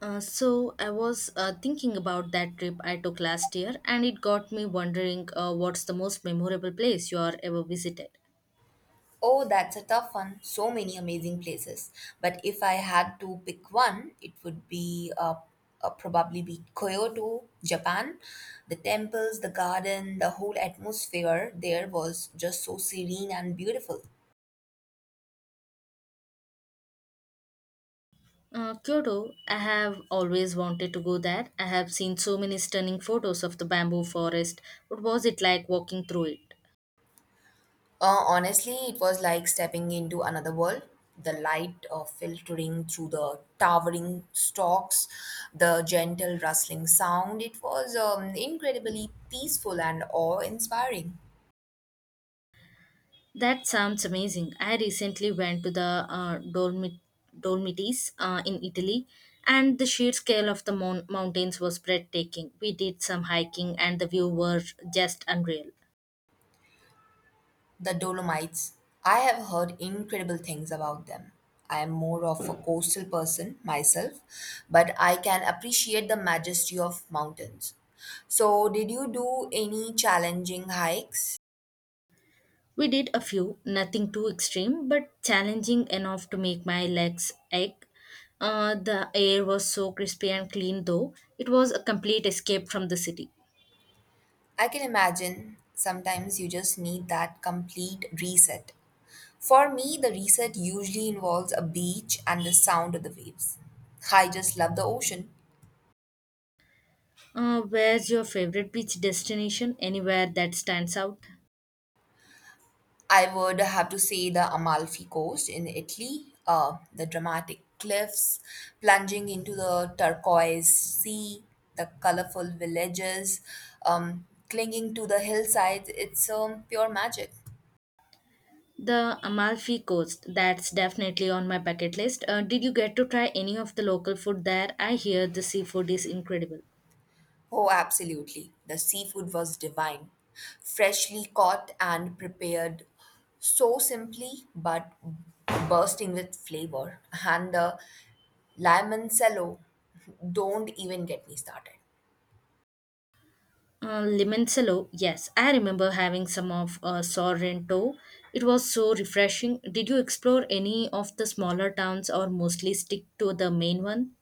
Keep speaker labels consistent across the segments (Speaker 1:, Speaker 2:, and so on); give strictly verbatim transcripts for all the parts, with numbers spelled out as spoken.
Speaker 1: Uh, so I was uh, thinking about that trip I took last year, and it got me wondering uh, what's the most memorable place you are ever visited.
Speaker 2: Oh, that's a tough one. So many amazing places. But if I had to pick one, it would be uh, uh, probably be Kyoto, Japan. The temples, the garden, the whole atmosphere there was just so serene and beautiful.
Speaker 1: Uh, Kyoto, I have always wanted to go there. I have seen so many stunning photos of the bamboo forest. What was it like walking through it?
Speaker 2: Uh, honestly, it was like stepping into another world. The light uh, filtering through the towering stalks, the gentle rustling sound. It was um, incredibly peaceful and awe inspiring.
Speaker 1: That sounds amazing. I recently went to the uh, Dolmi- Dolomites uh, in Italy, and the sheer scale of the mon- mountains was breathtaking. We did some hiking, and the view were just unreal.
Speaker 2: The Dolomites, I have heard incredible things about them. I am more of a coastal person myself, but I can appreciate the majesty of mountains. So, did you do any challenging hikes?
Speaker 1: We did a few, nothing too extreme, but challenging enough to make my legs ache. Uh, the air was so crispy and clean, though. It was a complete escape from the city.
Speaker 2: I can imagine sometimes you just need that complete reset. For me, the reset usually involves a beach and the sound of the waves. I just love the ocean.
Speaker 1: Uh, where's your favorite beach destination? Anywhere that stands out?
Speaker 2: I would have to say the Amalfi Coast in Italy, uh, the dramatic cliffs plunging into the turquoise sea, the colorful villages um, clinging to the hillsides. It's um, pure magic.
Speaker 1: The Amalfi Coast, that's definitely on my bucket list. Uh, did you get to try any of the local food there? I hear the seafood is incredible.
Speaker 2: Oh, absolutely. The seafood was divine, freshly caught and prepared so simply but bursting with flavor. And the limoncello, don't even get me started.
Speaker 1: Uh, Limoncello, yes, I remember having some of uh, Sorrento. It was so refreshing. Did you explore any of the smaller towns or mostly stick to the main one?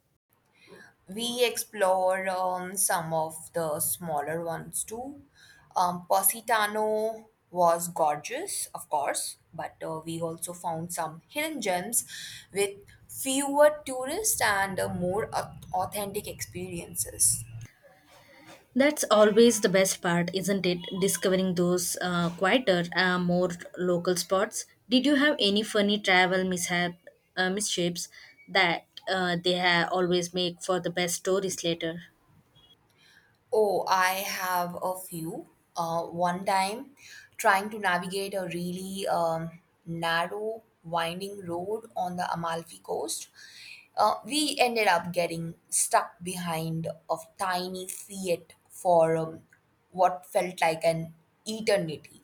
Speaker 2: We explore um, some of the smaller ones too. Um, Positano was gorgeous, of course, but uh, we also found some hidden gems with fewer tourists and uh, more au- authentic experiences.
Speaker 1: That's always the best part, isn't it? Discovering those uh, quieter, uh, more local spots. Did you have any funny travel mishap, uh, misshapes that uh, they ha- always make for the best stories later?
Speaker 2: Oh, I have a few. Uh, one time, trying to navigate a really um, narrow, winding road on the Amalfi coast, uh, we ended up getting stuck behind a tiny Fiat for um, what felt like an eternity.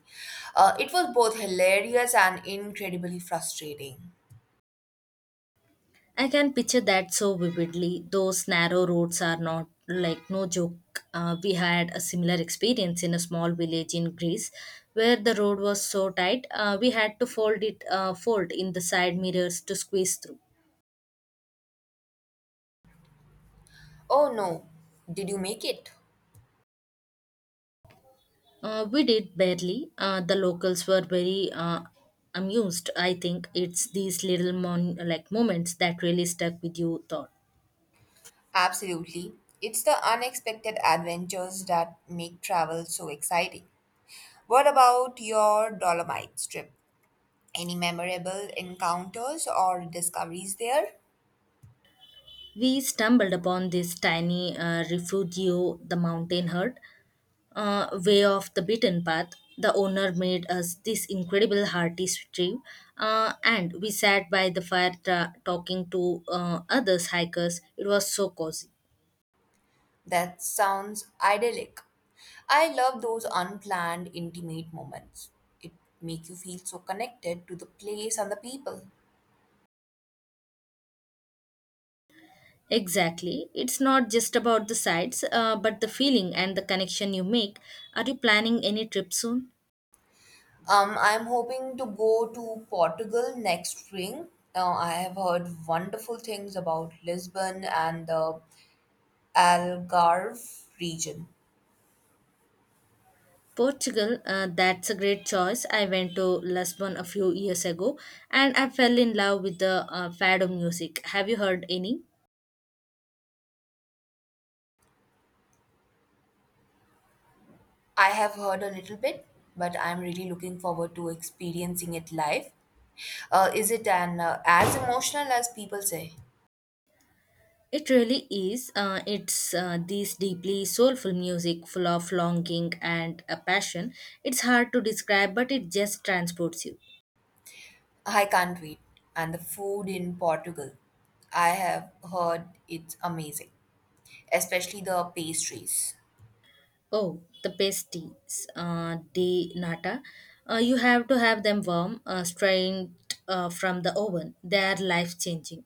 Speaker 2: Uh, it was both hilarious and incredibly frustrating.
Speaker 1: I can picture that so vividly. Those narrow roads are not like no joke. Uh, we had a similar experience in a small village in Greece where the road was so tight uh, we had to fold it uh, fold in the side mirrors to squeeze through.
Speaker 2: Oh no, did you make it?
Speaker 1: Uh, we did barely. Uh, the locals were very uh, amused. I think it's these little mon- like moments that really stuck with you. Thought
Speaker 2: Absolutely. It's the unexpected adventures that make travel so exciting. What about your Dolomites trip? Any memorable encounters or discoveries there?
Speaker 1: we stumbled upon this tiny uh, refugio the mountain herd uh, way off the beaten path. The owner made us this incredible hearty stew, uh, and we sat by the fire tra- talking to uh, others hikers. It was so cozy.
Speaker 2: That sounds idyllic. I love those unplanned, intimate moments. It make you feel so connected to the place and the people.
Speaker 1: Exactly. It's not just about the sights, uh, but the feeling and the connection you make. Are you planning any trip soon?
Speaker 2: Um, I'm hoping to go to Portugal next spring. Uh, I have heard wonderful things about Lisbon and the Algarve region.
Speaker 1: Portugal, uh, that's a great choice. I went to Lisbon a few years ago and I fell in love with the uh, fado music. Have you heard any?
Speaker 2: I have heard a little bit, but I'm really looking forward to experiencing it live. Uh, is it an uh, as emotional as people say?
Speaker 1: It really is. Uh, it's uh, these deeply soulful music, full of longing and a passion. It's hard to describe, but it just transports you.
Speaker 2: I can't wait. And the food in Portugal, I have heard it's amazing, especially the pastries.
Speaker 1: Oh, the pasties, uh, de nata. Uh, you have to have them warm, uh, strained uh, from the oven. They are life changing.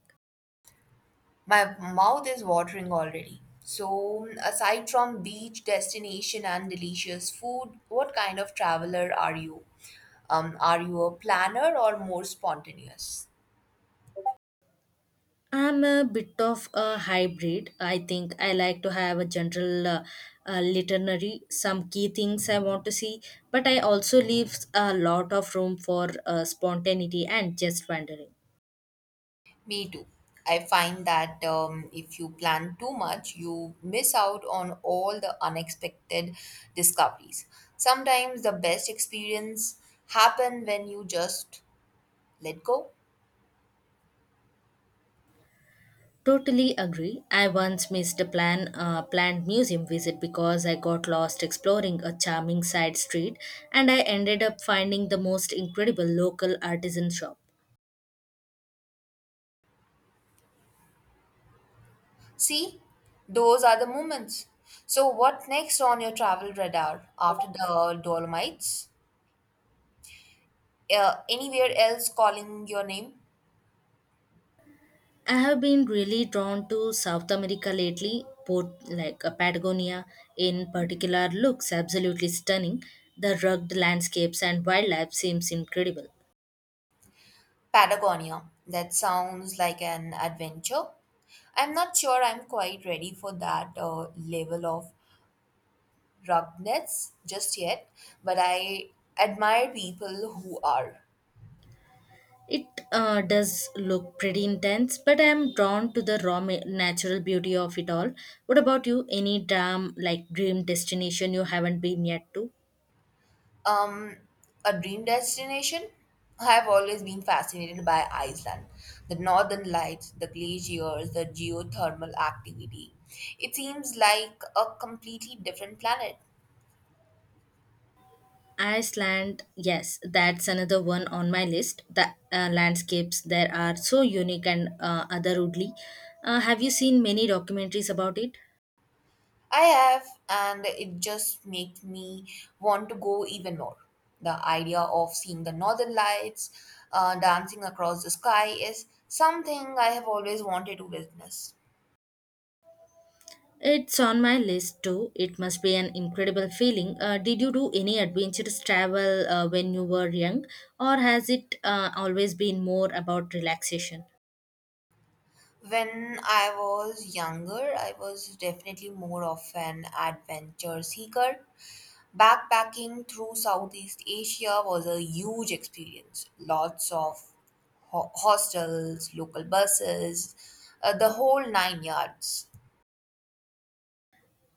Speaker 2: My mouth is watering already. So, aside from beach destination and delicious food, what kind of traveler are you? Um, are you a planner or more spontaneous?
Speaker 1: I'm a bit of a hybrid. I think I like to have a general uh, uh, literary, some key things I want to see, but I also leave a lot of room for uh, spontaneity and just wandering.
Speaker 2: Me too. I find that um, if you plan too much, you miss out on all the unexpected discoveries. Sometimes the best experience happen when you just let go.
Speaker 1: Totally agree. I once missed a plan, uh, planned museum visit because I got lost exploring a charming side street and I ended up finding the most incredible local artisan shop.
Speaker 2: See, those are the moments. So, what next on your travel radar after the Dolomites? Uh, anywhere else calling your name?
Speaker 1: I have been really drawn to South America lately, both like uh, Patagonia in particular looks absolutely stunning. The rugged landscapes and wildlife seems incredible.
Speaker 2: Patagonia. That sounds like an adventure. I'm not sure I'm quite ready for that uh, level of rubbed nets just yet, but I admire people who are.
Speaker 1: It uh, does look pretty intense, but I am drawn to the raw ma- natural beauty of it all. What about you? Any dream like dream destination you haven't been yet to?
Speaker 2: Um, a dream destination? I have always been fascinated by Iceland. The northern lights, the glaciers, the geothermal activity. It seems like a completely different planet.
Speaker 1: Iceland, yes, that's another one on my list. The uh, landscapes there are so unique and uh, otherworldly. Uh, have you seen many documentaries about it?
Speaker 2: I have, and it just makes me want to go even more. The idea of seeing the northern lights uh, dancing across the sky is something I have always wanted to witness.
Speaker 1: It's on my list too. It must be an incredible feeling. Uh, did you do any adventurous travel uh, when you were young, or has it uh, always been more about relaxation?
Speaker 2: When I was younger, I was definitely more of an adventure seeker. Backpacking through Southeast Asia was a huge experience. Lots of ho- hostels, local buses, uh, the whole nine yards.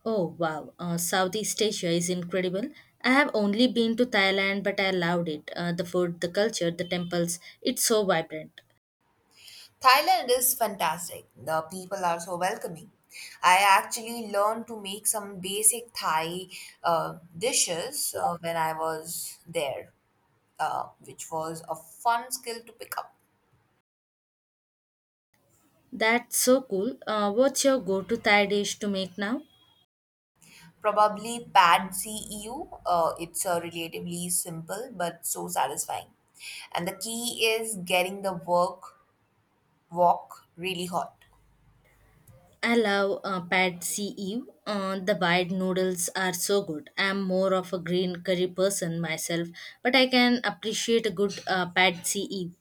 Speaker 1: Oh wow, uh, Southeast Asia is incredible. I have only been to Thailand, but I loved it. Uh, the food, the culture, the temples, it's so vibrant.
Speaker 2: Thailand is fantastic. The people are so welcoming. I actually learned to make some basic Thai uh, dishes uh, when I was there, uh, which was a fun skill to pick up.
Speaker 1: That's so cool. Uh, what's your go-to Thai dish to make now?
Speaker 2: Probably Pad See Ew. Uh, it's uh, relatively simple but so satisfying. And the key is getting the work walk really hot.
Speaker 1: I love uh, pad see ew. Uh, the white noodles are so good. I'm more of a green curry person myself, but I can appreciate a good uh, pad see ew.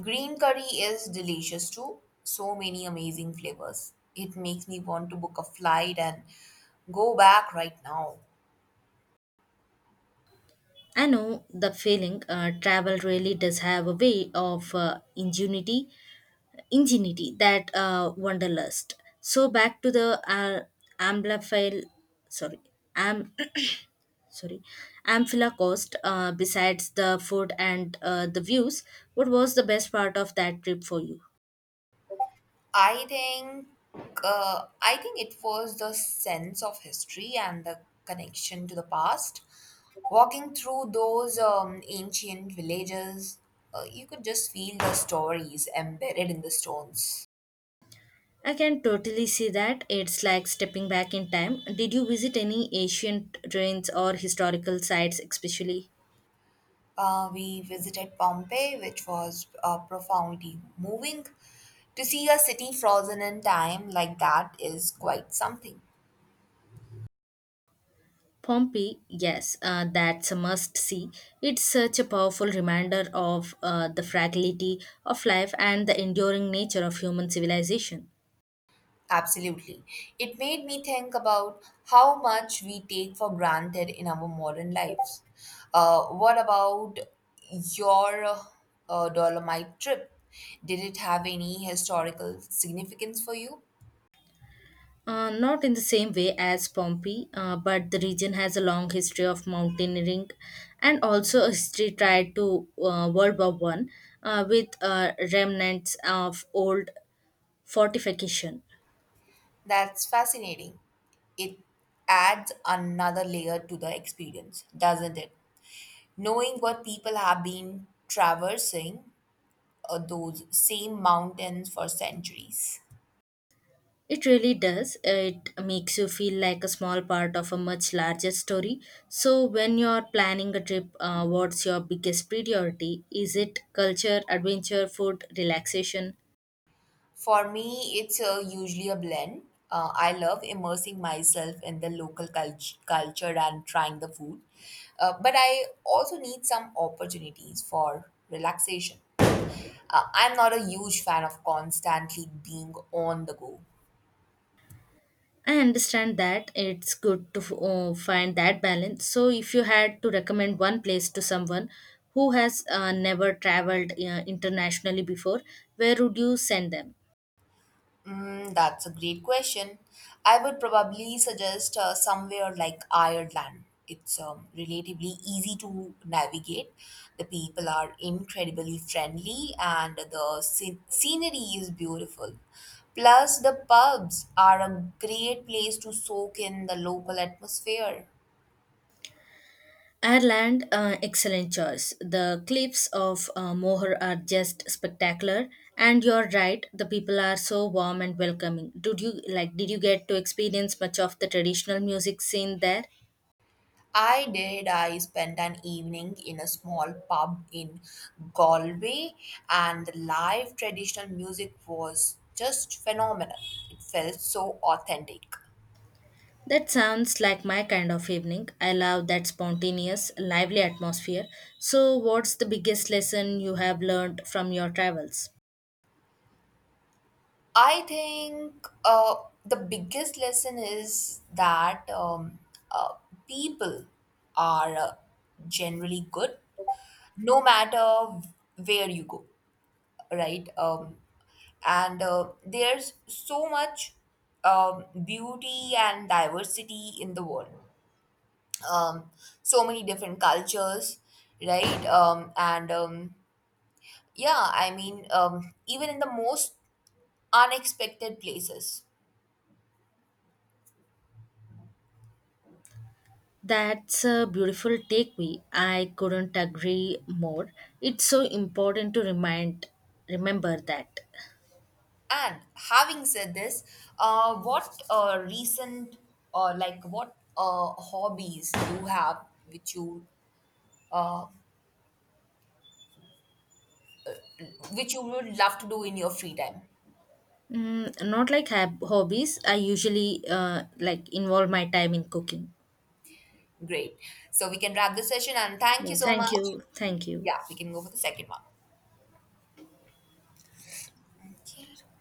Speaker 2: Green curry is delicious too. So many amazing flavors. It makes me want to book a flight and go back right now.
Speaker 1: I know the feeling. Uh, travel really does have a way of uh, ingenuity, ingenuity that uh, wanderlust. So back to the uh, Amblafile, sorry, Am sorry amphila coast uh, besides the food and uh, the views, what was the best part of that trip for you?
Speaker 2: I think uh, I think it was the sense of history and the connection to the past. Walking through those um, ancient villages, uh, you could just feel the stories embedded in the stones.
Speaker 1: I can totally see that. It's like stepping back in time. Did you visit any ancient ruins or historical sites especially
Speaker 2: Uh, we visited Pompeii, which was uh, profoundly moving. To see a city frozen in time like that is quite something.
Speaker 1: Pompeii? Yes, uh, that's a must see. It's such a powerful reminder of uh, the fragility of life and the enduring nature of human civilization.
Speaker 2: Absolutely. It made me think about how much we take for granted in our modern lives. Uh, what about your uh, Dolomite trip? Did it have any historical significance for you?
Speaker 1: Uh, not in the same way as Pompeii, uh, but the region has a long history of mountaineering and also a history tied to uh, World War One, uh, with uh, remnants of old fortification.
Speaker 2: That's fascinating. It adds another layer to the experience, doesn't it? Knowing what people have been traversing uh, those same mountains for centuries.
Speaker 1: It really does. It makes you feel like a small part of a much larger story. So, when you're planning a trip, uh, what's your biggest priority? Is it culture, adventure, food, relaxation?
Speaker 2: For me, it's uh, usually a blend. Uh, I love immersing myself in the local cult- culture and trying the food, uh, but I also need some opportunities for relaxation. Uh, I'm not a huge fan of constantly being on the go.
Speaker 1: I understand that it's good to uh, find that balance. So, if you had to recommend one place to someone who has uh, never traveled uh, internationally before, where would you send them?
Speaker 2: Mm, that's a great question. I would probably suggest uh, somewhere like Ireland. It's um, relatively easy to navigate. The people are incredibly friendly and the scen- scenery is beautiful. Plus, the pubs are a great place to soak in the local atmosphere.
Speaker 1: Ireland, uh, excellent choice. The cliffs of uh, Moher are just spectacular, and you're right. The people are so warm and welcoming. Did you like? Did you get to experience much of the traditional music scene there?
Speaker 2: I did. I spent an evening in a small pub in Galway, and the live traditional music was just phenomenal. It felt so authentic.
Speaker 1: That sounds like my kind of evening. I love that spontaneous, lively atmosphere. So, what's the biggest lesson you have learned from your travels?
Speaker 2: I think uh, the biggest lesson is that um, uh, people are uh, generally good no matter where you go, right? Um, and uh, there's so much um, beauty and diversity in the world. Um, so many different cultures, right? Um, and um, yeah, I mean, um, even in the most unexpected places.
Speaker 1: That's a beautiful takeaway. I couldn't agree more. It's so important to remind remember that.
Speaker 2: And having said this, uh, what uh, recent or like what uh, hobbies you have which you which you would love to do in your free time?
Speaker 1: Mm, not like hab- hobbies. I usually uh, like involve my time in cooking.
Speaker 2: Great. So we can wrap the session and thank
Speaker 1: Yeah,
Speaker 2: you so
Speaker 1: thank
Speaker 2: much.
Speaker 1: you. Thank you.
Speaker 2: Yeah, we can go for the second one. Okay.